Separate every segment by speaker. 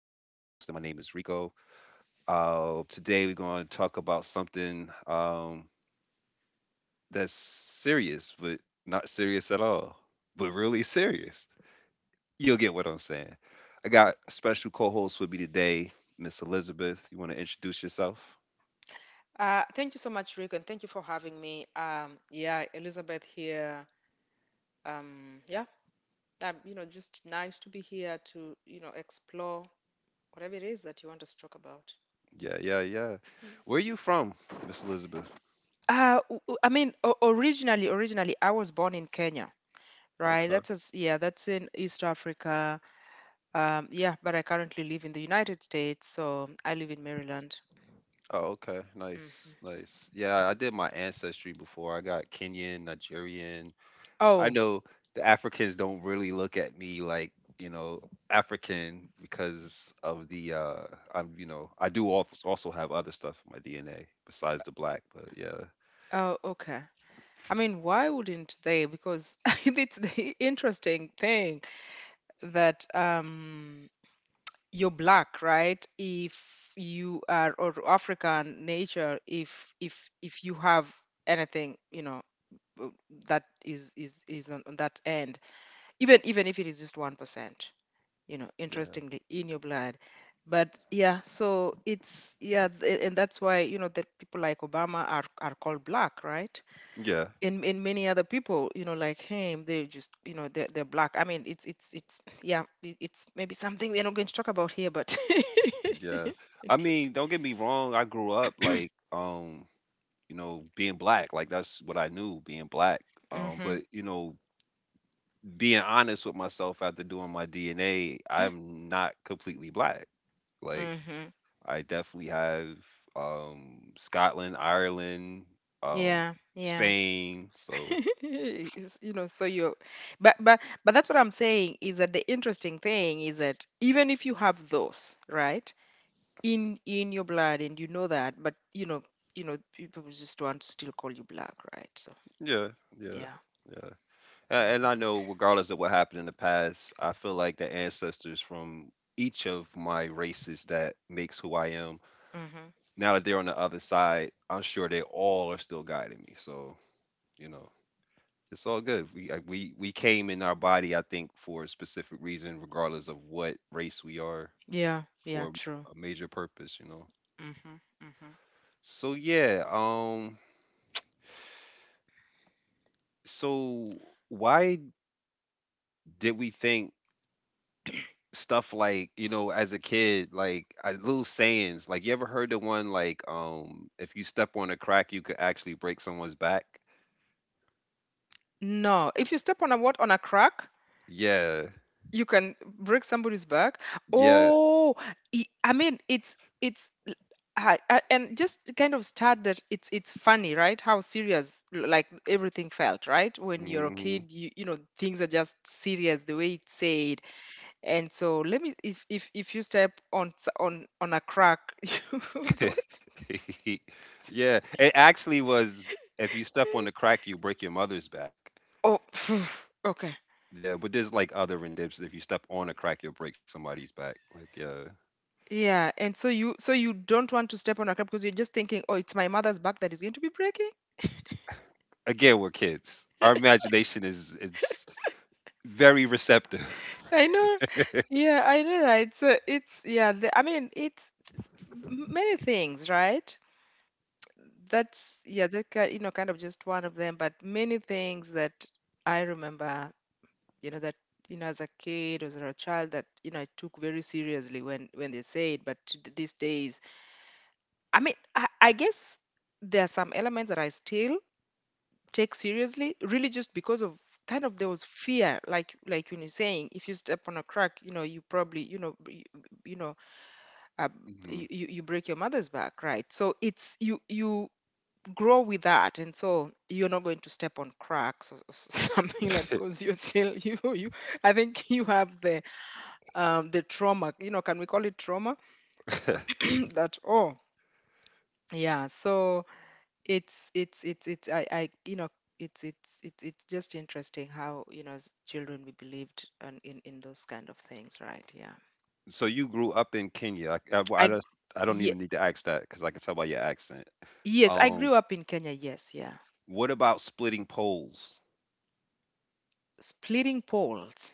Speaker 1: hosting. My name is Rico. Today we're going to talk about something that's serious, but not serious at all, but really serious. You'll get what I'm saying. I got a special co-host with me today, Miss Elizabeth. You want to introduce yourself?
Speaker 2: Thank you so much, Rick, and thank you for having me. Yeah, Elizabeth here. Um, yeah, just nice to be here to, explore whatever it is that you want us to talk about.
Speaker 1: Yeah, yeah, yeah. Where are you from, Miss Elizabeth?
Speaker 2: I mean, originally, I was born in Kenya, right?
Speaker 1: Okay.
Speaker 2: That's as yeah, that's in East Africa. Yeah, but I currently live in the United States, so I live in Maryland.
Speaker 1: Oh, okay.
Speaker 2: Mm.
Speaker 1: Nice, nice. Yeah, I did my ancestry before. I got Kenyan, Nigerian. I
Speaker 2: Oh,
Speaker 1: know the Africans don't really look at me like, you know, African, because of the I'm, you know, I do also have other stuff in my DNA besides the black, but yeah.
Speaker 2: oh, okay. I mean, why wouldn't they? Because it's the interesting thing. That you're black, right? If you are or African nature, if you have anything, w- that is on that end, even if it is just 1%, you know,
Speaker 1: Yeah.
Speaker 2: interestingly in your blood. But yeah, so it's yeah, and that's why you know that people like Obama are called black, right?
Speaker 1: Yeah.
Speaker 2: In many other people, you know, like him, they just, you know, they're black. I mean, it's yeah, it's maybe something we're not going to talk about here, but
Speaker 1: Yeah. I mean,
Speaker 2: interesting.
Speaker 1: don't get me wrong, I grew up like you know, being black, like that's what I knew, being black.
Speaker 2: Hmm.
Speaker 1: But you know, being honest with myself after doing my DNA, I'm not completely black. Like
Speaker 2: Hmm.
Speaker 1: I definitely have Scotland, Ireland, um,
Speaker 2: Yeah, yeah.
Speaker 1: Spain. So
Speaker 2: It's, you know, so you, but but but that's what I'm saying, is that the interesting thing is that even if you have those, right, in your blood, and you know that, but you know, you know, people just want to still call you black, right? So
Speaker 1: yeah, yeah,
Speaker 2: yeah.
Speaker 1: yeah. And I know, regardless of what happened in the past, I feel like the ancestors from each of my races that makes who I am.
Speaker 2: Hmm.
Speaker 1: Now that they're on the other side, I'm sure they all are still guiding me. So you know, it's all good. We we came in our body, I think, for a specific reason, regardless of what race we are,
Speaker 2: Yeah, yeah,
Speaker 1: for
Speaker 2: true.
Speaker 1: a major purpose. You know.
Speaker 2: Mhm, mhm.
Speaker 1: So yeah, so why did we think stuff like, you know, as a kid, like little sayings, like you ever heard the one like, if you step on a crack, you could actually break someone's back?
Speaker 2: No, if you step on a what on a crack,
Speaker 1: Yeah,
Speaker 2: you can break somebody's back.
Speaker 1: yeah,
Speaker 2: Oh, I mean, and just to kind of start that, it's funny, right? How serious, like everything felt, right? When you're a
Speaker 1: hmm.
Speaker 2: kid, you know, things are just serious the way it's said. And so let me, if if you step on on a crack, you, what?
Speaker 1: Yeah, it actually was. If you step on the crack, you break your mother's back.
Speaker 2: Oh, okay.
Speaker 1: Yeah, but there's like other renditions. If you step on a crack, you'll break somebody's back. Like, yeah.
Speaker 2: Yeah, and so you don't want to step on a crab, because you're just thinking, oh, it's my mother's back that is going to be breaking.
Speaker 1: Again, we're kids. Our imagination is very receptive.
Speaker 2: I know. Yeah, I know, right? So it's yeah, I mean, it's many things, right? That's yeah, that you know, kind of just one of them, but many things that I remember, you know, that, you know, as a kid or as a child, that, you know, I took very seriously when they say it. But to these days, I mean, I guess there are some elements that I still take seriously, really just because of kind of there was fear. Like when you're saying, if you step on a crack, you know, you probably, you know, uh,
Speaker 1: Mhm.
Speaker 2: you, you break your mother's back, right? So it's you you grow with that, and so you're not going to step on cracks, or something, like, because you're still you, I think you have the trauma, you know, can we call it trauma? That oh, yeah, so it's I you know, it's just interesting how, you know, as children, we believed on, in those kind of things, right? Yeah.
Speaker 1: So you grew up in Kenya. Well, I
Speaker 2: I gr-
Speaker 1: just I don't
Speaker 2: ye-
Speaker 1: even need to ask that because I can tell by your accent.
Speaker 2: yes, I
Speaker 1: Um,
Speaker 2: grew up in Kenya. Yes, yeah.
Speaker 1: what about splitting poles?
Speaker 2: Splitting poles.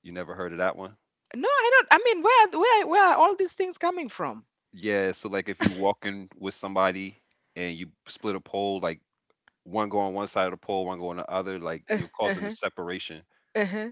Speaker 1: You never heard of that one?
Speaker 2: No, I don't. I mean, where are all these things coming from?
Speaker 1: Yeah. So like if you walking with somebody and you split a pole, like one go on one side of the pole, one go on the other, like
Speaker 2: Uh,
Speaker 1: you're causing a
Speaker 2: uh-huh,
Speaker 1: separation
Speaker 2: uh-huh.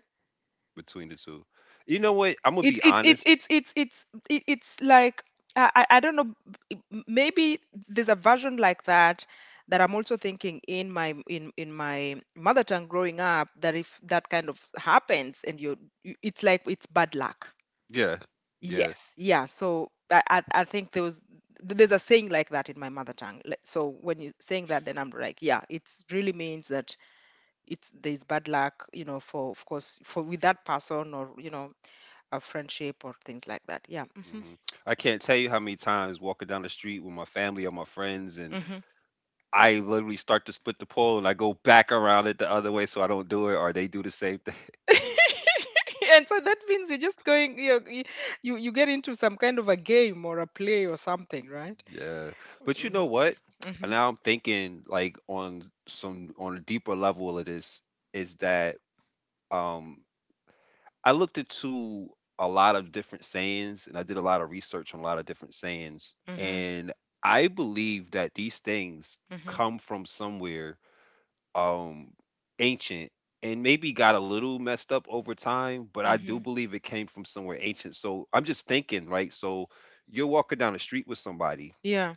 Speaker 1: between the two. You know what? I'm gonna
Speaker 2: It's
Speaker 1: be
Speaker 2: it's it's
Speaker 1: honest.
Speaker 2: it's it's it's it- it's like I don't know. Maybe there's a version like that that I'm also thinking in my in my mother tongue growing up. That if that kind of happens, and you're, you, it's like it's bad luck.
Speaker 1: Yeah. Yeah.
Speaker 2: Yes, yeah. So I think there was there's a saying like that in my mother tongue. Like, so when you're saying that, then I'm like, yeah, it's really means that it's there's bad luck, you know, for, of course, for with that person, or, you know, a friendship or things like that. Yeah. Hmm.
Speaker 1: Hmm. I can't tell you how many times walking down the street with my family or my friends and
Speaker 2: Hmm.
Speaker 1: I literally start to split the pole and I go back around it the other way so I don't do it or they do the same thing.
Speaker 2: And so that means you're just going, you, you get into some kind of a game or a play or something, right?
Speaker 1: Yeah. But you
Speaker 2: Hmm.
Speaker 1: know what?
Speaker 2: Hmm.
Speaker 1: And now I'm thinking like on some on a deeper level of this is that um I looked into a lot of different sayings and I did a lot of research on a lot of different sayings
Speaker 2: Hmm.
Speaker 1: and I believe that these things
Speaker 2: Hmm.
Speaker 1: come from somewhere um ancient and maybe got a little messed up over time, but I
Speaker 2: Hmm.
Speaker 1: do believe it came from somewhere ancient. So I'm just thinking, right? So you're walking down the street with somebody.
Speaker 2: Yeah.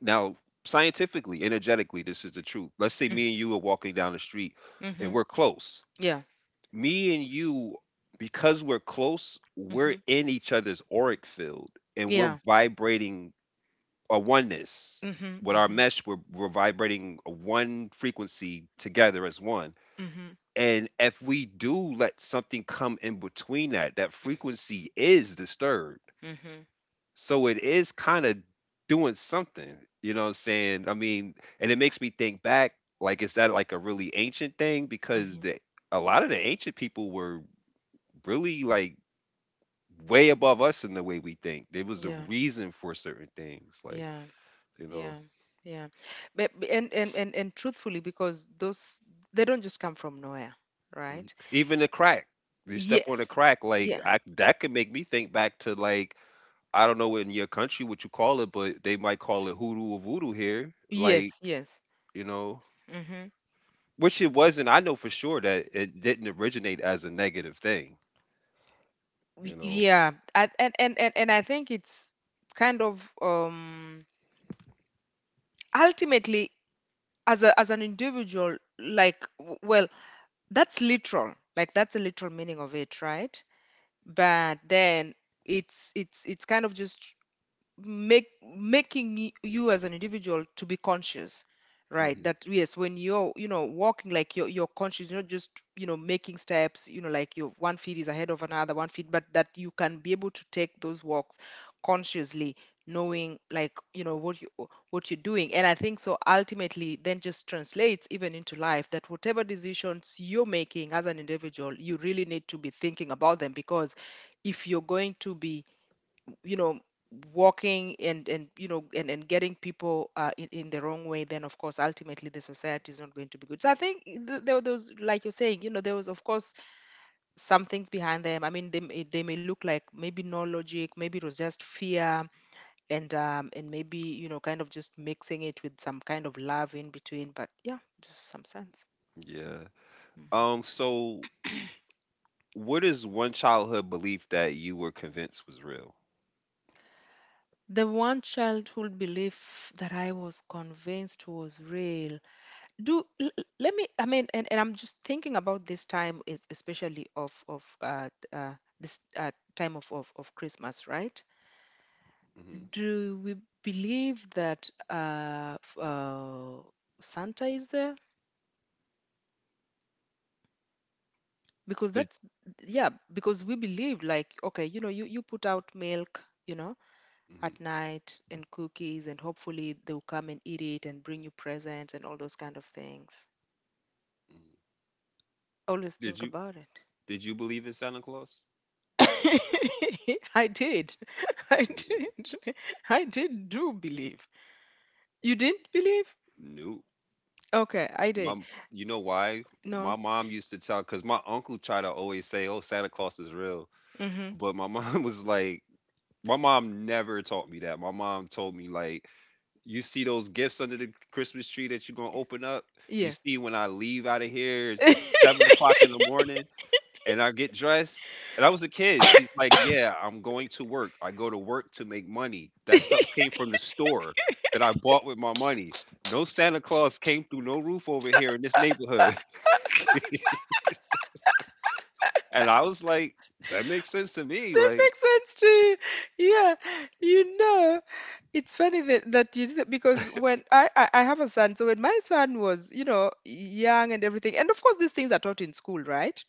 Speaker 1: Now, scientifically, energetically, this is the truth. Let's say me and you are walking down the street
Speaker 2: Mm-hmm.
Speaker 1: and we're close.
Speaker 2: Yeah.
Speaker 1: Me and you, because we're close, we're
Speaker 2: Hmm.
Speaker 1: in each other's auric field and we're
Speaker 2: Yeah.
Speaker 1: vibrating a
Speaker 2: Hmm.
Speaker 1: oneness.
Speaker 2: Hmm.
Speaker 1: With our
Speaker 2: Hmm.
Speaker 1: mesh, we're vibrating a one frequency together as one, and if we do let something come in between that, that frequency is disturbed.
Speaker 2: Hmm.
Speaker 1: So it is kind of doing something, you know what I'm saying? I mean, and it makes me think back, like, is that like a really ancient thing? Because
Speaker 2: Hmm.
Speaker 1: a lot of the ancient people were really like way above us in the way we think. There was a
Speaker 2: Yeah.
Speaker 1: reason for certain things, like,
Speaker 2: Yeah.
Speaker 1: you know,
Speaker 2: Yeah. Yeah. But and truthfully, because those, they don't just come from nowhere,
Speaker 1: mhm.
Speaker 2: right?
Speaker 1: Even the crack. You step on a
Speaker 2: Yes.
Speaker 1: crack, like
Speaker 2: Yeah.
Speaker 1: I, that could make me think back to like I don't know in your country what you call it, but they might call it hoodoo or voodoo here. Like,
Speaker 2: Yes. Yes.
Speaker 1: you know,
Speaker 2: Mm-hmm.
Speaker 1: which it wasn't. I know for sure that it didn't originate as a negative thing, you know.
Speaker 2: Yeah, and, and I think it's kind of ultimately, as a as an individual, like, well, that's literal, like that's the literal meaning of it, right? But then it's kind of just make making you as an individual to be conscious, right?
Speaker 1: Hmm.
Speaker 2: That yes, when you're, you know, walking, like you're conscious, you're not just, you know, making steps, you know, like your one feet is ahead of another one feet, but that you can be able to take those walks consciously, knowing, like, you know what you what you're doing. And I think so ultimately then just translates even into life, that whatever decisions you're making as an individual, you really need to be thinking about them, because if you're going to be, you know, walking and, you know, and getting people in the wrong way, then of course ultimately the society is not going to be good. So I think there were those, like you're saying, you know, there was, of course, some things behind them. I mean, they may look like maybe no logic, maybe it was just fear, and maybe, you know, kind of just mixing it with some kind of love in between, but yeah, just some sense.
Speaker 1: Yeah.
Speaker 2: Hmm.
Speaker 1: So what is one childhood belief that you were convinced was real?
Speaker 2: The one childhood belief that I was convinced was real. Let me, I mean, and I'm just thinking about this time is, especially of this time of, of Christmas, right?
Speaker 1: Hmm.
Speaker 2: Do we believe that Santa is there, because
Speaker 1: Did
Speaker 2: that's, yeah, because we believe like, okay, you know, you put out milk, you know,
Speaker 1: hmm
Speaker 2: at night, and cookies, and hopefully they'll come and eat it and bring you presents and all those kind of things. Always
Speaker 1: did
Speaker 2: think
Speaker 1: you
Speaker 2: about it.
Speaker 1: did you believe in Santa Claus?
Speaker 2: I did. I
Speaker 1: Mm,
Speaker 2: did. I did do believe. You didn't believe?
Speaker 1: nope.
Speaker 2: Okay, I did.
Speaker 1: My, you know why?
Speaker 2: No.
Speaker 1: My mom used to tell, because my uncle tried to always say, "Oh, Santa Claus is real,"
Speaker 2: Mm-hmm.
Speaker 1: but my mom was like, my mom never taught me that. My mom told me like, you see those gifts under the Christmas tree that you're gonna open up. You
Speaker 2: Yes.
Speaker 1: see when I leave out of here, it's seven
Speaker 2: That
Speaker 1: o'clock in the morning, and I get dressed. And I was a kid. She's like, yeah, I'm going to work. I go to work to make money. That stuff came from the store that I bought with my money. No Santa Claus came through no roof over here in this neighborhood. And I was like, that makes sense to me. Like,
Speaker 2: makes sense to you. Yeah, you know, it's funny that, that you did that, because when I have a son, so when my son was, you know, young and everything, and of course these things are taught in school, right?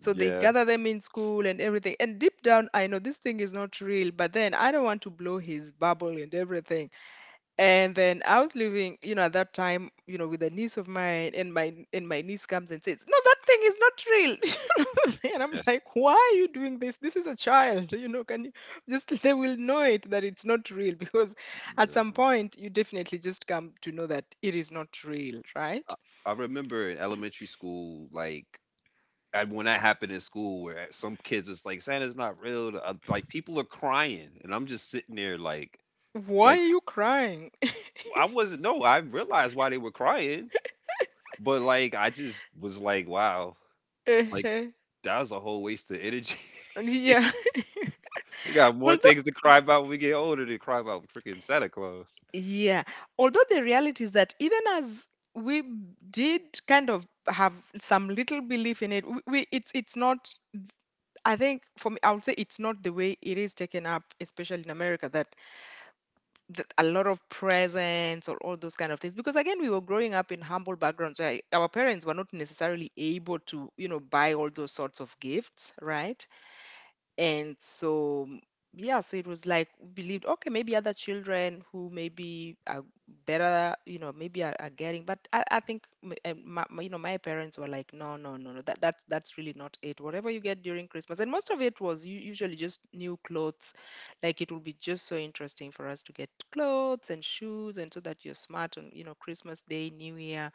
Speaker 2: So they
Speaker 1: yeah.
Speaker 2: gather them in school and everything, and deep down I know this thing is not real, but then I don't want to blow his bubble and everything. And then I was living, you know, at that time, you know, with a niece of mine, and my niece comes and says, no, that thing is not real. And I'm like, why are you doing this? This is a child, you know. Can you just they will know it that it's not real. Because at some point you definitely just come to know that it is not real, right?
Speaker 1: I remember in elementary school, like and when that happened in school, where some kids was like, "Santa's not real," like people are crying, and I'm just sitting there
Speaker 2: Why
Speaker 1: like
Speaker 2: are you crying?
Speaker 1: I wasn't. No, I realized why they were crying, but like I just was like, "Wow, like
Speaker 2: Uh-huh.
Speaker 1: that was a whole waste of energy."
Speaker 2: Yeah.
Speaker 1: We got more
Speaker 2: Well,
Speaker 1: things to cry about when we get older than cry about freaking Santa Claus.
Speaker 2: yeah. Although the reality is that even as we did kind of have some little belief in it, we, it's not. I think for me, I would say it's not the way it is taken up, especially in America, that, that a lot of presents or all those kind of things. Because again, we were growing up in humble backgrounds where our parents were not necessarily able to, you know, buy all those sorts of gifts, right? And so, yeah, so it was like we believed, okay, maybe other children who maybe are better, you know, maybe are getting, but I think, you know, my parents were like, no, no, no, no, that, that's really not it. Whatever you get during Christmas, and most of it was usually just new clothes. Like it would be just so interesting for us to get clothes and shoes, and so that you're smart on, you know, Christmas Day, New Year,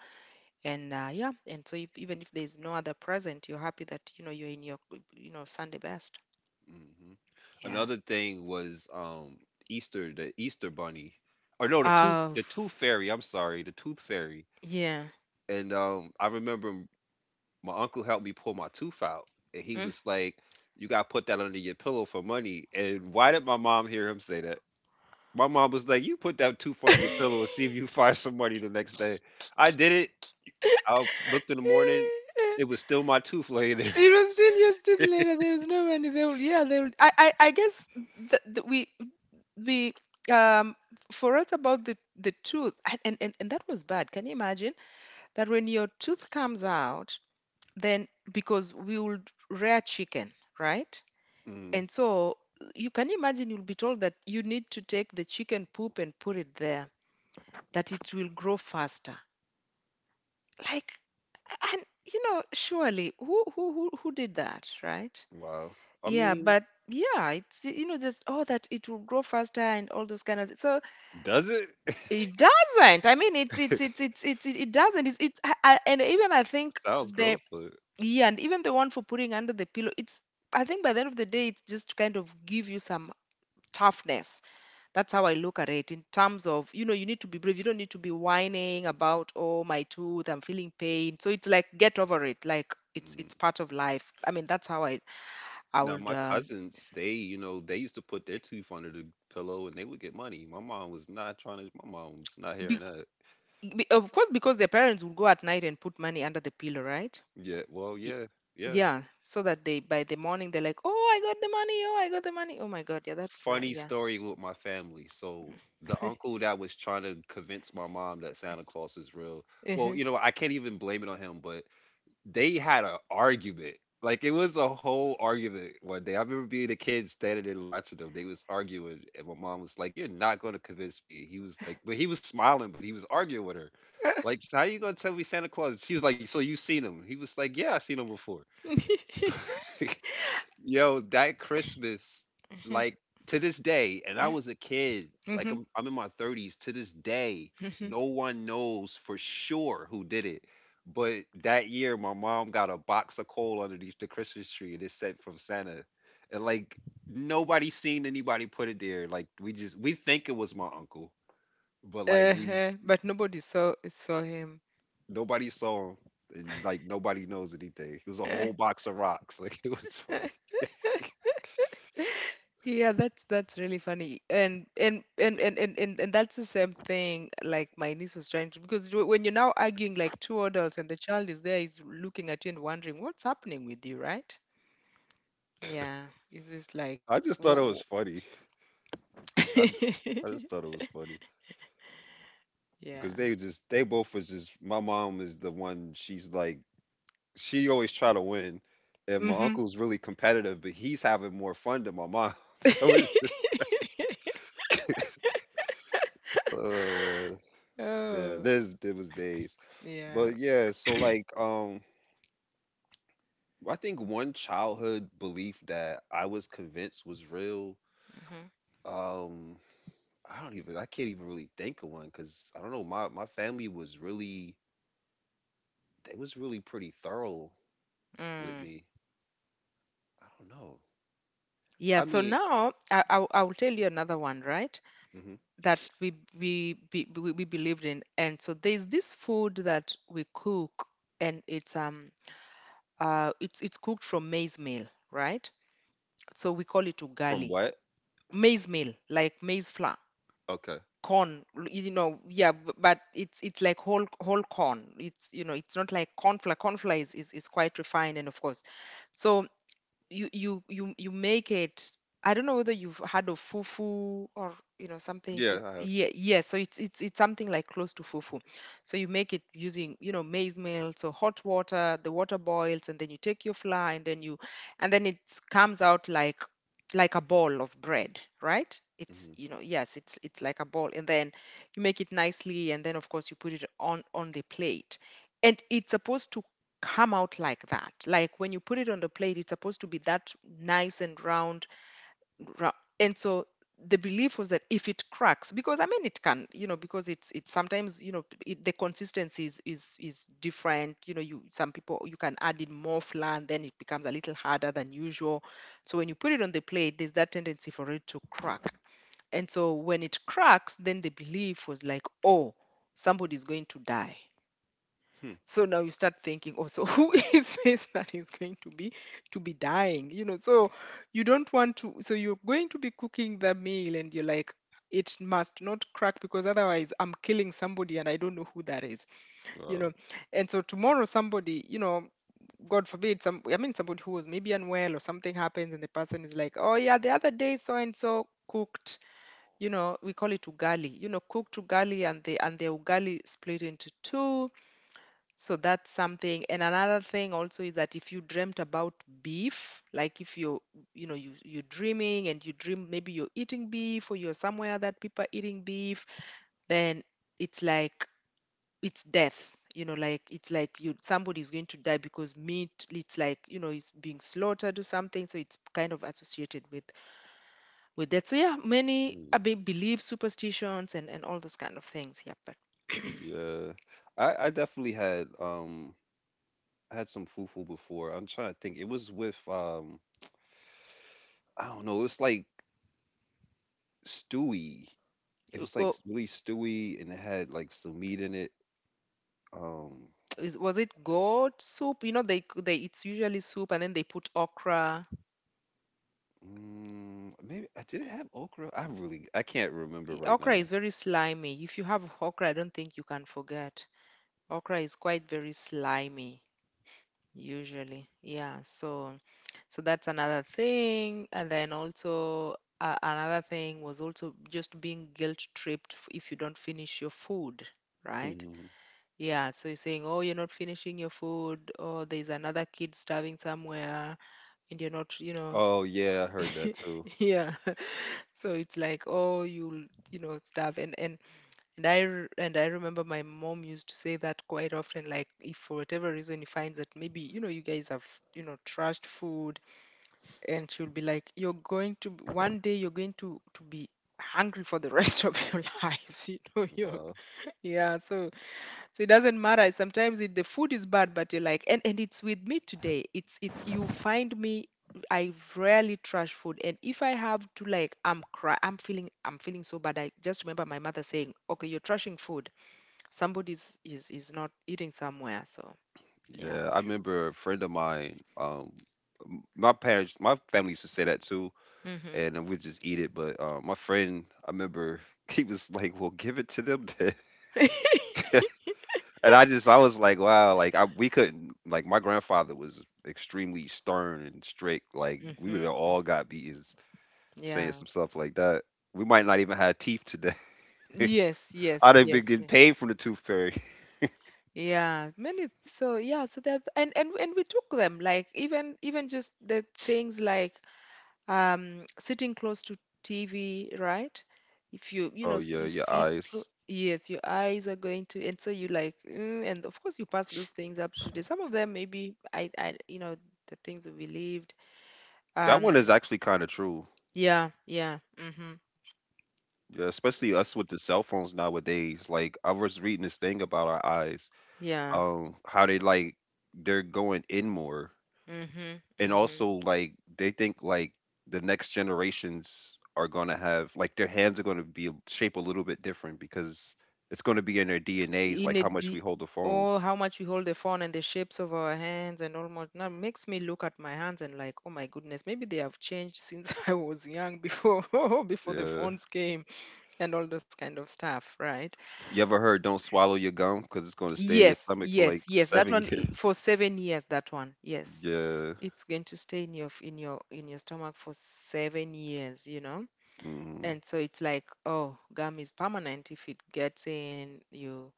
Speaker 2: and yeah, and so if, even if there's no other present, you're happy that you know you're in your, you know, Sunday best.
Speaker 1: Hmm.
Speaker 2: Yeah.
Speaker 1: Another thing was Easter, the Easter Bunny, or no, the tooth,
Speaker 2: Of
Speaker 1: the tooth fairy.
Speaker 2: yeah.
Speaker 1: And I remember my uncle helped me pull my tooth out, and he
Speaker 2: Mm.
Speaker 1: was like, "You got to put that under your pillow for money." And why did my mom hear him say that? My mom was like, "You put that tooth under your pillow and see if you find some money the next day." I did it. I looked in the morning; it was still my tooth laying there.
Speaker 2: It was still years still later. There was no money. They will, yeah, they will. I guess that we, the, um, for us about the tooth, and, and that was bad. Can you imagine that when your tooth comes out, then, because we would rear chicken, right?
Speaker 1: Mm,
Speaker 2: And so you can imagine you'll be told that you need to take the chicken poop and put it there, that it will grow faster. Like, and surely who did that, right?
Speaker 1: wow. I
Speaker 2: Yeah,
Speaker 1: mean,
Speaker 2: but yeah, it's just oh that it will grow faster and all those kind of things. So
Speaker 1: does it?
Speaker 2: it doesn't. I mean, it's it's it's it's it's it it doesn't. It's I, and even I think
Speaker 1: Sounds
Speaker 2: the
Speaker 1: gross, but.
Speaker 2: yeah, and even the one for putting under the pillow. It's I think by the end of the day, it's just to kind of give you some toughness. That's how I look at it in terms of, you need to be brave. You don't need to be whining about, oh, my tooth, I'm feeling pain. So it's like get over it. Like it's
Speaker 1: Mm.
Speaker 2: it's part of life. I mean, that's how I
Speaker 1: Now
Speaker 2: would
Speaker 1: my cousins, they, you know, they used to put their tooth under the pillow and they would get money. My mom was not
Speaker 2: be,
Speaker 1: hearing that.
Speaker 2: of course because their parents would go at night and put money under the pillow, right?
Speaker 1: Yeah, well,
Speaker 2: Y-
Speaker 1: yeah, yeah.
Speaker 2: Yeah, so that they by the morning they're like, oh, I got the money. Oh, I got the money. Oh my God, yeah, that's not.
Speaker 1: Funny
Speaker 2: Yeah.
Speaker 1: story with my family. So the uncle that was trying to convince my mom that Santa Claus is real. Well,
Speaker 2: Mhm.
Speaker 1: you know, I can't even blame it on him, but they had an argument. Like it was a whole argument one day. I remember being a kid standing there watching them. They was arguing, and my mom was like, "You're not going to convince me." He was like, but he was smiling, but he was arguing with her. Like, so how you gonna tell me Santa Claus? She was like, "So you seen him?" He was like, "Yeah, I seen him before." So
Speaker 2: Mhm,
Speaker 1: yo, that Christmas, like to this day, and I was a kid, like
Speaker 2: mhm,
Speaker 1: I'm in my 30s to this day,
Speaker 2: mhm.
Speaker 1: no one knows for sure who did it. But that year my mom got a box of coal underneath the Christmas tree and it said from Santa. And like nobody seen anybody put it there. Like we just we think it was my uncle, but like we
Speaker 2: Uh-huh. But nobody saw him.
Speaker 1: nobody saw him and like nobody knows anything. It was a whole box of rocks. Like it was funny.
Speaker 2: Yeah, that's really funny. And that's the same thing, like my niece was trying to, because when you're now arguing like two adults and the child is there is looking at you and wondering what's happening with you, right? Yeah. It's just like
Speaker 1: I
Speaker 2: what,
Speaker 1: just thought it
Speaker 2: what?
Speaker 1: was funny. I, d- I just thought it was funny
Speaker 2: Yeah.
Speaker 1: because they just they both was just my mom is the one she's like she always try to win, and my
Speaker 2: Mm-hmm.
Speaker 1: uncle's really competitive, but he's having more fun than my mom. So it's just, oh man, man,
Speaker 2: Oh,
Speaker 1: this it was days,
Speaker 2: yeah.
Speaker 1: but yeah. So like I think one childhood belief that I was convinced was real.
Speaker 2: Mm-hmm.
Speaker 1: Um, I don't even I can't even really think of one because I don't know my my family was really they was really pretty thorough with
Speaker 2: Mm.
Speaker 1: me I don't know.
Speaker 2: Yeah,
Speaker 1: I
Speaker 2: so
Speaker 1: mean,
Speaker 2: now I'll tell you another one, right?
Speaker 1: hmm
Speaker 2: that we, be- we believed in, and so there's this food that we cook, and it's cooked from maize meal, right? So we call it
Speaker 1: from
Speaker 2: ugali.
Speaker 1: what?
Speaker 2: Maize meal, like maize flour,
Speaker 1: Okay.
Speaker 2: yeah, but it's like whole corn. It's you know It's not like corn flour. Corn flour is quite refined, and of course, so you make it. I don't know whether you've heard of fufu or something.
Speaker 1: Yeah,
Speaker 2: It's
Speaker 1: I have.
Speaker 2: Yeah, yeah, so it's something like close to fufu. So you make it using maize meal, so hot water, the water boils, and then you take your flour, and then you and then it comes out like a ball of bread, right? it's
Speaker 1: Hmm.
Speaker 2: you know Yes, it's like a ball. And then you make it nicely, and then of course you put it on the plate, and it's supposed to come out like that. Like when you put it on the plate, it's supposed to be that nice and round. rou- And so the belief was that if it cracks, because I mean it can, you know, because it's sometimes, the consistency is different. You know, you some people you can add in more flour, and then it becomes a little harder than usual. So when you put it on the plate, there's that tendency for it to crack. And so when it cracks, then the belief was like, oh, somebody's going to die.
Speaker 1: Hmm.
Speaker 2: So now you start thinking also, who is this that is going to be dying, so you don't want to, so you're going to be cooking the meal, and you're like, it must not crack, because otherwise I'm killing somebody and I don't know who that is you
Speaker 1: Uh,
Speaker 2: know and so tomorrow somebody, God forbid, some I mean somebody who was maybe unwell or something happens, and the person is like, oh yeah, the other day so and so cooked, we call it ugali, cooked ugali, and the ugali split into two. So that's something. And another thing also is that if you dreamt about beef, like if you're, you're dreaming and you dream maybe you're eating beef or you're somewhere that people are eating beef, then it's like it's death. You know, like it's like you somebody's going to die because meat, it's like, it's being slaughtered or something. So it's kind of associated with that. So yeah, many,
Speaker 1: mm,
Speaker 2: beliefs, superstitions, and all those kind of things. Yeah, but
Speaker 1: yeah. I definitely had I had some fufu before. I'm trying to think. It was with I don't know. It was like stewy. It
Speaker 2: uh,
Speaker 1: was like
Speaker 2: uh,
Speaker 1: really stewy, and it had like some meat in it. Um,
Speaker 2: is was it goat soup? You know, they it's usually soup, and then they put okra.
Speaker 1: mm, maybe I did it have okra. I really I can't remember right
Speaker 2: Okra
Speaker 1: now.
Speaker 2: is very slimy. If you have okra, I don't think you can forget. Okra is quite very slimy usually. Yeah, so that's another thing. And then also, another thing was also just being guilt tripped, if you don't finish your food, right? Yeah, so you're saying, oh, you're not finishing your food, or there's another kid starving somewhere, and you're not,
Speaker 1: Oh yeah, I heard that too.
Speaker 2: yeah so it's like, oh, you'll, stuff, and I remember my mom used to say that quite often, like if for whatever reason he finds that maybe, you guys have, trashed food, and she'll be like, you're going to, one day you're going to be hungry for the rest of your lives. you
Speaker 1: Wow.
Speaker 2: Yeah, so it doesn't matter. Sometimes, the food is bad, but you're like, and it's with me today. It's you find me. I rarely trash food, and if I have to, like, I'm feeling so bad. I just remember my mother saying, "Okay, you're trashing food. Somebody's is not eating somewhere." So yeah.
Speaker 1: Yeah, I remember a friend of mine. My parents, my family used to say that too,
Speaker 2: Hmm.
Speaker 1: and we just eat it. But my friend, I remember he was like, "Well, give it to them, then." I was like, "Wow!" We couldn't. Like my grandfather was extremely stern and strict. Like we would have
Speaker 2: Hmm.
Speaker 1: all got beaten saying
Speaker 2: Yeah.
Speaker 1: some stuff like that. We might not even have teeth today.
Speaker 2: Yes,
Speaker 1: I'd
Speaker 2: yes,
Speaker 1: have been
Speaker 2: yes,
Speaker 1: getting
Speaker 2: yes.
Speaker 1: paid from the tooth fairy.
Speaker 2: Yeah, many, so yeah, so that, and we took them, like even just the things like sitting close to TV, right? If
Speaker 1: Oh yeah,
Speaker 2: you
Speaker 1: your
Speaker 2: sit
Speaker 1: eyes.
Speaker 2: yes, your eyes are going to, and so you like, and of course you pass those things up to the some of them, maybe I the things we believed.
Speaker 1: That one
Speaker 2: Um
Speaker 1: is actually kind of true.
Speaker 2: yeah, yeah. Mhm.
Speaker 1: Yeah, especially us with the cell phones nowadays. Like I was reading this thing about our eyes,
Speaker 2: Yeah.
Speaker 1: how they like they're going in more,
Speaker 2: Mhm.
Speaker 1: and
Speaker 2: Mhm.
Speaker 1: also like they think like the next generations are gonna have like their hands are gonna be shaped a little bit different because it's gonna be in their DNAs,
Speaker 2: In
Speaker 1: like
Speaker 2: a
Speaker 1: how much we
Speaker 2: d
Speaker 1: hold the phone.
Speaker 2: Oh, how much we hold the phone and the shapes of our hands, and almost now makes me look at my hands and like, oh my goodness, maybe they have changed since I was young, before before the
Speaker 1: Yeah.
Speaker 2: phones came. And all those kind of stuff, right?
Speaker 1: You ever heard don't swallow your gum because it's gonna stay in your
Speaker 2: Yes,
Speaker 1: stomach for like
Speaker 2: yes, yes. That
Speaker 1: seven
Speaker 2: one,
Speaker 1: years?
Speaker 2: for 7 years. That one, yes,
Speaker 1: Yeah.
Speaker 2: it's going to stay in your stomach for 7 years. You know,
Speaker 1: Mm-hmm.
Speaker 2: and so it's like, oh, gum is permanent if it gets in you.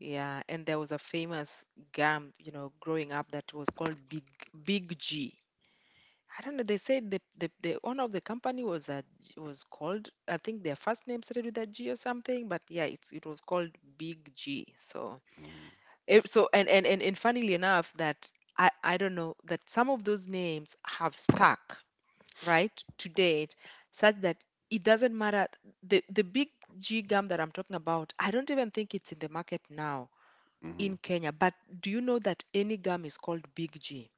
Speaker 2: Yeah, and there was a famous gum, growing up, that was called Big G. I don't know. They said the owner of the company was called, I think their first name started with a G or something, but yeah, it was called Big G. So
Speaker 1: Mm-hmm.
Speaker 2: So, and funnily enough, that I don't know that some of those names have stuck, right, to date, such that it doesn't matter, the big G gum that I'm talking about, I don't even think it's in the market now
Speaker 1: Mm-hmm.
Speaker 2: in Kenya. But do you know that any gum is called big G?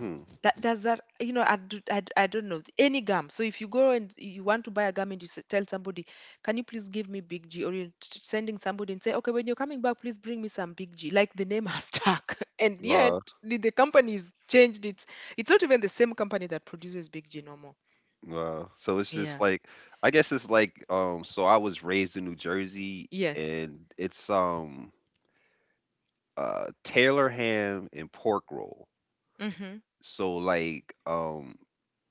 Speaker 1: Mm-hmm.
Speaker 2: That does that, I, do, I, d- I don't know any gum. So if you go and you want to buy a gum and tell somebody, "Can you please give me Big G?" Or sending somebody and say, "Okay, when you're coming back, please bring me some Big G." Like the name has stuck, and yet
Speaker 1: Wow.
Speaker 2: the company's changed its. It's not even the same company that produces Big G no more.
Speaker 1: Wow. So it's just
Speaker 2: Yeah.
Speaker 1: like I guess it's like so I was raised in New Jersey
Speaker 2: Yes.
Speaker 1: and it's Taylor ham and pork roll.
Speaker 2: Mhm.
Speaker 1: So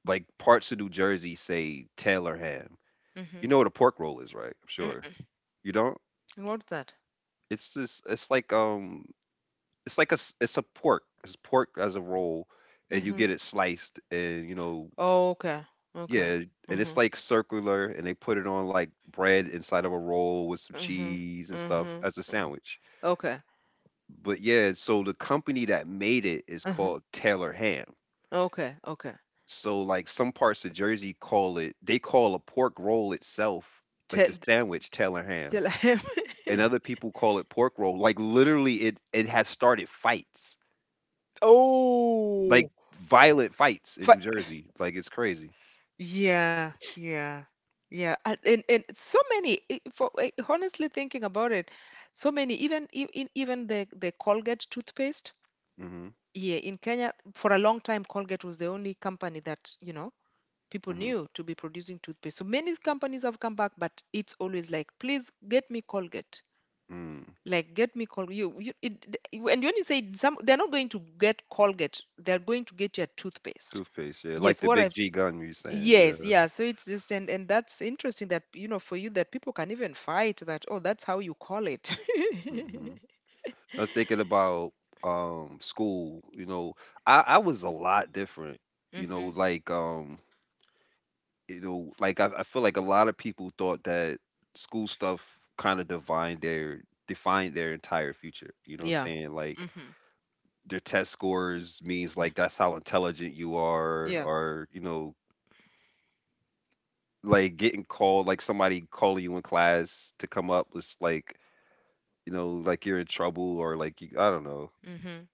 Speaker 1: like parts of New Jersey say Taylor ham. You
Speaker 2: Mhm.
Speaker 1: know what a pork roll is, right? I'm sure.
Speaker 2: Mm.
Speaker 1: You don't?
Speaker 2: What's that?
Speaker 1: It's just it's like a s- it's a pork. It's pork as a roll and you
Speaker 2: Mhm.
Speaker 1: get it sliced, and you know,
Speaker 2: Oh, okay. Okay.
Speaker 1: yeah, and it's
Speaker 2: Mhm.
Speaker 1: like circular, and they put it on like bread inside of a roll with some
Speaker 2: Mhm.
Speaker 1: cheese and stuff
Speaker 2: Mhm.
Speaker 1: as a sandwich.
Speaker 2: Okay.
Speaker 1: But yeah, so the company that made it is
Speaker 2: Uh-huh.
Speaker 1: called Taylor Ham.
Speaker 2: Okay. Okay.
Speaker 1: So like some parts of Jersey call it, they call a pork roll itself, like the
Speaker 2: Te-
Speaker 1: sandwich, Taylor Ham,
Speaker 2: Still am.
Speaker 1: and other people call it pork roll. Like literally, it has started fights,
Speaker 2: Oh,
Speaker 1: like violent fights in
Speaker 2: but
Speaker 1: New Jersey. Like it's crazy.
Speaker 2: yeah, yeah, yeah. And so many. For, honestly thinking about it, so many. Even the Colgate toothpaste.
Speaker 1: hmm
Speaker 2: Yeah, in Kenya for a long time, Colgate was the only company that, people
Speaker 1: hmm
Speaker 2: knew to be producing toothpaste. So many companies have come back, but it's always like, please get me Colgate.
Speaker 1: Mm.
Speaker 2: Like, get me Colgate. And when you say some, they're not going to get Colgate. They're going to get your toothpaste.
Speaker 1: Toothpaste, yeah, like
Speaker 2: Yes,
Speaker 1: the Big
Speaker 2: whatever.
Speaker 1: G gun you saying.
Speaker 2: Yes, yeah. So it's just, and that's interesting that, for you, that people can even fight that. Oh, that's how you call it.
Speaker 1: Mhm. I was thinking about, school, you know, I was a lot different, you know,
Speaker 2: Mhm.
Speaker 1: like, um, you know, like, I feel like a lot of people thought that school stuff kinda defined their entire future, you know what I'm
Speaker 2: Yeah.
Speaker 1: saying? Like,
Speaker 2: Mhm.
Speaker 1: their test scores means,
Speaker 2: Yeah.
Speaker 1: like, that's how intelligent you are
Speaker 2: Yeah.
Speaker 1: or, you know, like, getting called like, somebody calling you in class to come up was, like, you know, like, you're in trouble or, like, you I don't know.
Speaker 2: Mhm.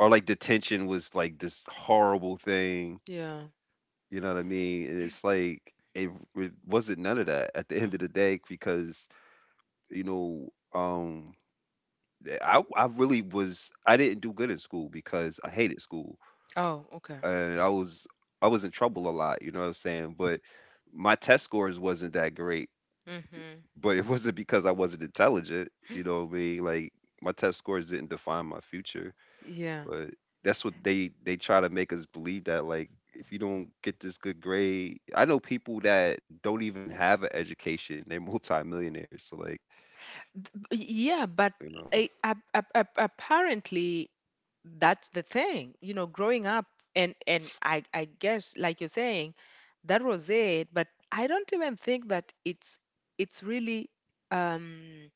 Speaker 1: Or like detention was like this horrible thing,
Speaker 2: Yeah.
Speaker 1: you know what I mean? And it's like it wasn't none of that at the
Speaker 2: Mm.
Speaker 1: end of the day because you know um I really was I didn't do good in school because I hated school,
Speaker 2: Oh, okay.
Speaker 1: and I was in trouble a lot, you know what I'm saying? But my test scores wasn't that great,
Speaker 2: Mhm.
Speaker 1: but it wasn't because I wasn't intelligent, you know what I mean? Like my test scores didn't define my future.
Speaker 2: Yeah.
Speaker 1: But that's what they try to make us believe that like if you don't get this good grade, I know people that don't even have an education, they're multimillionaires. So like,
Speaker 2: Yeah, but
Speaker 1: you know,
Speaker 2: apparently that's the thing. You know, growing up and I guess like you're saying, that was it, but I don't even think that it's really um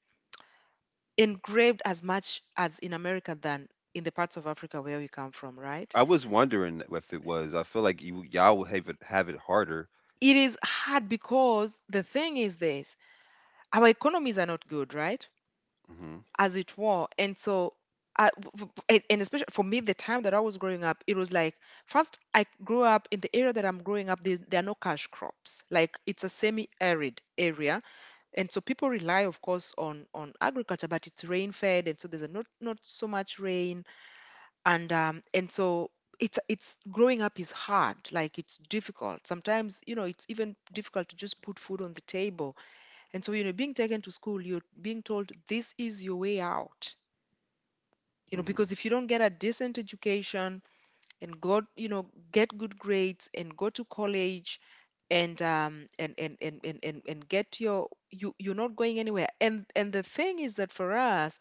Speaker 2: engraved as much as in America than in the parts of Africa where we come from, right?
Speaker 1: I was wondering if it was. I feel like you y'all would have it harder.
Speaker 2: It is hard because the thing is this, our economies are not good, right?
Speaker 1: hmm
Speaker 2: as it were. And so, and especially for me, the time that I was growing up, it was like first I grew up in the area that I'm growing up. There are no cash crops. Like it's a semi-arid area, and so people rely, of course, on agriculture, but it's rain-fed, and so there's a not so much rain, and so. It's growing up is hard, like it's difficult sometimes. You know, it's even difficult to just put food on the table. And so, you know, being taken to school, you're being told this is your way out. You know, because
Speaker 1: hmm
Speaker 2: if you don't get a decent education and go, you know, get good grades and go to college, and get your, you, you're not going anywhere. And the thing is that for us,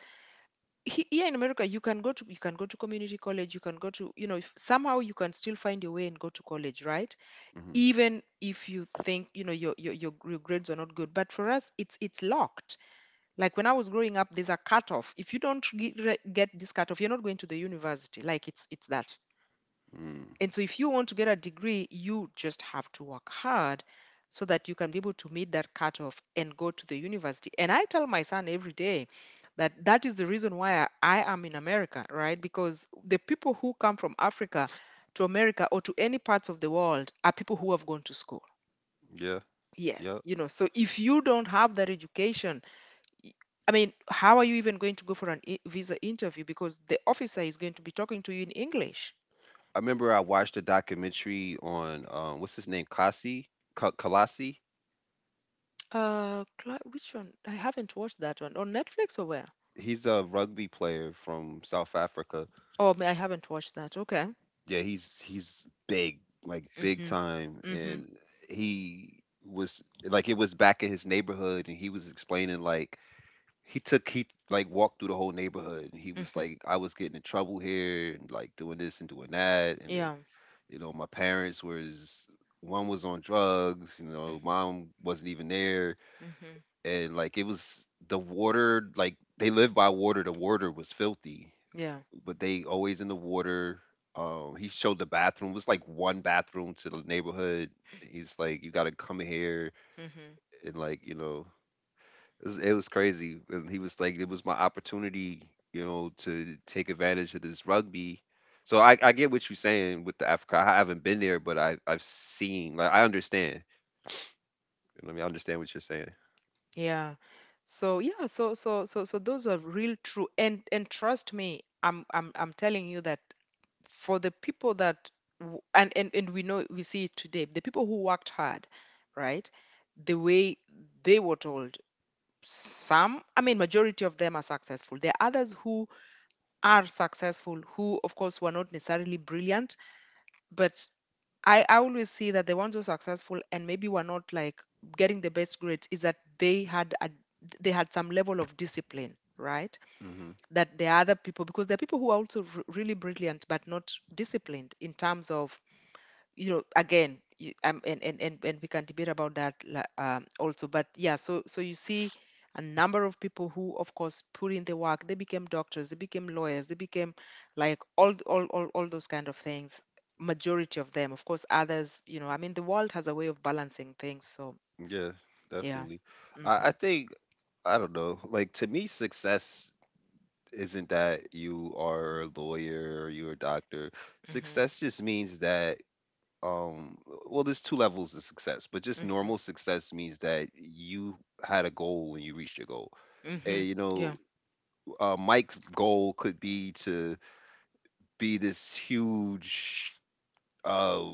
Speaker 2: here in America you can go to, you can go to community college, you can go to, you know, if somehow you can still find your way and go to college, right,
Speaker 1: hmm
Speaker 2: even if you think, you know, your grades are not good. But for us it's locked like when I was growing up, there's a cutoff. If you don't get this cutoff, you're not going to the university. Like it's that.
Speaker 1: mm
Speaker 2: And so if you want to get a degree, you just have to work hard so that you can be able to meet that cutoff and go to the university. And I tell my son every day that is the reason why I am in America, right? Because the people who come from Africa to America or to any parts of the world are people who have gone to school.
Speaker 1: Yeah.
Speaker 2: Yes,
Speaker 1: Yep.
Speaker 2: you know, so if you don't have that education, y- I mean, how are you even going to go for an visa interview? Because the officer is going to be talking to you in English.
Speaker 1: I remember I watched a documentary on what's his name, Kalasi.
Speaker 2: Which one? I haven't watched that one on Netflix or where?
Speaker 1: He's a rugby player from South Africa.
Speaker 2: Oh, I haven't watched that. Okay.
Speaker 1: Yeah, he's big, like big
Speaker 2: Mhm.
Speaker 1: time,
Speaker 2: Mhm.
Speaker 1: and he was like it was back in his neighborhood, and he was explaining like he like walked through the whole neighborhood, and he was
Speaker 2: Mhm.
Speaker 1: like, I was getting in trouble here, and like doing this and doing that, and then
Speaker 2: Yeah.
Speaker 1: you know my parents was one was on drugs, you
Speaker 2: Mm.
Speaker 1: know, mom wasn't even there,
Speaker 2: Mhm.
Speaker 1: and like it was the water, like they lived by water, the water was filthy,
Speaker 2: Yeah.
Speaker 1: but they always in the water. He showed the bathroom. It was like one bathroom to the neighborhood. He's like, you gotta come here
Speaker 2: Mhm.
Speaker 1: and like, you know, it was crazy. And he was like, it was my opportunity, you know, to take advantage of this rugby. So I get what you're saying with the Africa. I haven't been there, but I've seen. Like I understand. You know what I mean, I understand what you're saying.
Speaker 2: Yeah. So yeah. So those are real true. And trust me, I'm telling you that for the people that and, and we know we see it today, the people who worked hard, right, the way they were told, some, I mean, majority of them are successful. There are others who are successful who of course were not necessarily brilliant, but I always see that the ones who are successful and maybe were not like getting the best grades is that they had some level of discipline, right,
Speaker 1: Hmm.
Speaker 2: that there are other people. Because there are people who are also really brilliant but not disciplined in terms of, you know, again and, and we can debate about that also. But yeah, so so you see a number of people who of course put in the work. They became doctors, they became lawyers, they became, like, all th- all those kind of things. Majority of them, of course. Others, you know, I mean, the world has a way of balancing things, so
Speaker 1: Yeah,
Speaker 2: yeah.
Speaker 1: definitely. I
Speaker 2: Mhm.
Speaker 1: think I don't know. Like to me, success isn't that you are a lawyer or you're a doctor.
Speaker 2: Mhm.
Speaker 1: Success just means that um well there's two levels of success, but just
Speaker 2: Mhm.
Speaker 1: normal success means that you had a goal and you reached your goal. And
Speaker 2: Mhm.
Speaker 1: you
Speaker 2: Yeah.
Speaker 1: know, Mike's goal could be to be this huge uh,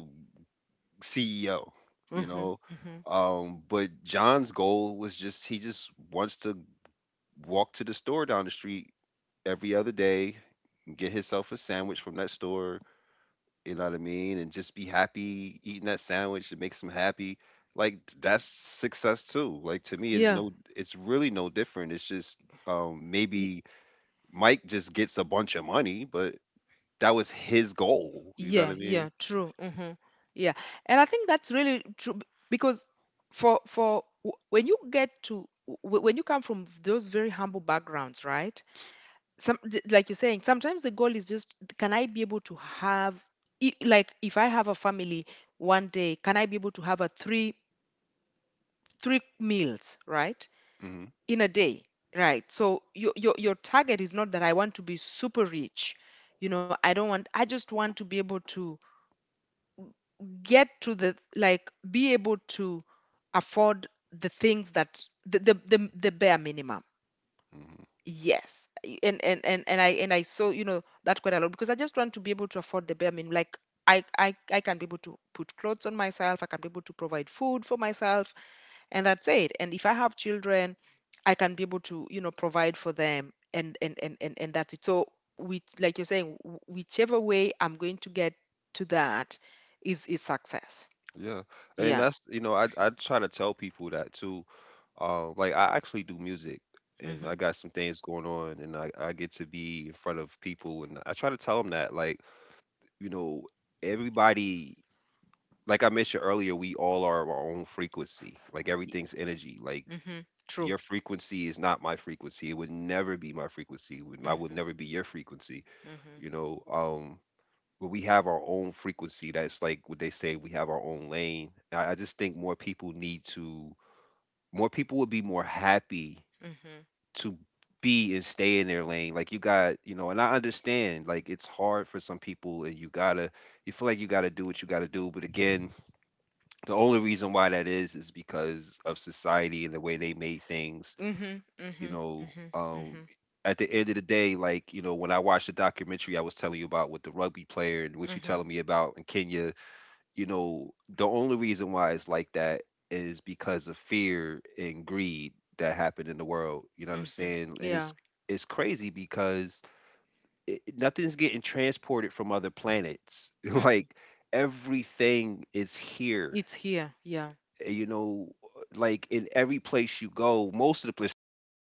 Speaker 1: CEO, you
Speaker 2: Mhm.
Speaker 1: know.
Speaker 2: Mhm.
Speaker 1: But John's goal was just wants to walk to the store down the street every other day, get himself a sandwich from that store, you know what I mean, and just be happy eating that sandwich. It makes him happy. Like that's success too. Like to me, it's
Speaker 2: Yeah.
Speaker 1: no, it's really no different. It's just maybe Mike just gets a bunch of money, but that was his goal. You know what
Speaker 2: Yeah,
Speaker 1: I
Speaker 2: yeah,
Speaker 1: mean?
Speaker 2: true. Hmm. Yeah. And I think that's really true because when you get to when you come from those very humble backgrounds, right? Like you're saying, sometimes the goal is just, can I be able to have, like if I have a family one day, can I be able to have a three meals, right?
Speaker 1: hmm
Speaker 2: In a day. Right. So your target is not that I want to be super rich. You know, I don't want, I just want to be able to get to the, like, be able to afford the things that the bare minimum.
Speaker 1: hmm
Speaker 2: Yes. And, and I and I saw, you know, that quite a lot, because I just want to be able to afford the bare minimum. Like I can be able to put clothes on myself, I can be able to provide food for myself, and that's it. And if I have children, I can be able to, you know, provide for them, and that's it. So we, like you're saying, whichever way I'm going to get to that is success
Speaker 1: Yeah, and
Speaker 2: yeah.
Speaker 1: that's you know I try to tell people that too. Like I actually do music. And I got some things going on, and I get to be in front of people, and I try to tell them that like you know, everybody, like I mentioned earlier, we all are our own frequency. Like
Speaker 2: Mm-hmm.
Speaker 1: everything's energy. Like
Speaker 2: Mm-hmm. True.
Speaker 1: your frequency is not my frequency. It would never be my frequency. It would- I would
Speaker 2: Mm-hmm.
Speaker 1: never be your frequency.
Speaker 2: Mm-hmm.
Speaker 1: You know, but we have our own frequency. That's like what they say. We have our own lane. I just think more people need to. More people would be more happy
Speaker 2: Mm-hmm.
Speaker 1: to be and stay in their lane. Like you got, you know, and I understand like it's hard for some people and you gotta you feel like you gotta do what you gotta do. But again, the only reason why that is because of society and the way they made things,
Speaker 2: Mm-hmm.
Speaker 1: you
Speaker 2: Mm-hmm.
Speaker 1: know,
Speaker 2: Mm-hmm.
Speaker 1: at the end of the day, like, you know, when I watched the documentary I was telling you about with the rugby player and what you
Speaker 2: Mm-hmm.
Speaker 1: telling me about in Kenya, you know, the only reason why it's like that is because of fear and greed that happened in the world. You know what I'm
Speaker 2: Mm-hmm.
Speaker 1: saying? And
Speaker 2: Yeah.
Speaker 1: it's crazy because nothing's getting transported from other planets.
Speaker 2: Mm.
Speaker 1: Like everything is here.
Speaker 2: It's here. Yeah.
Speaker 1: You know, like in every place you go, most of the place, especially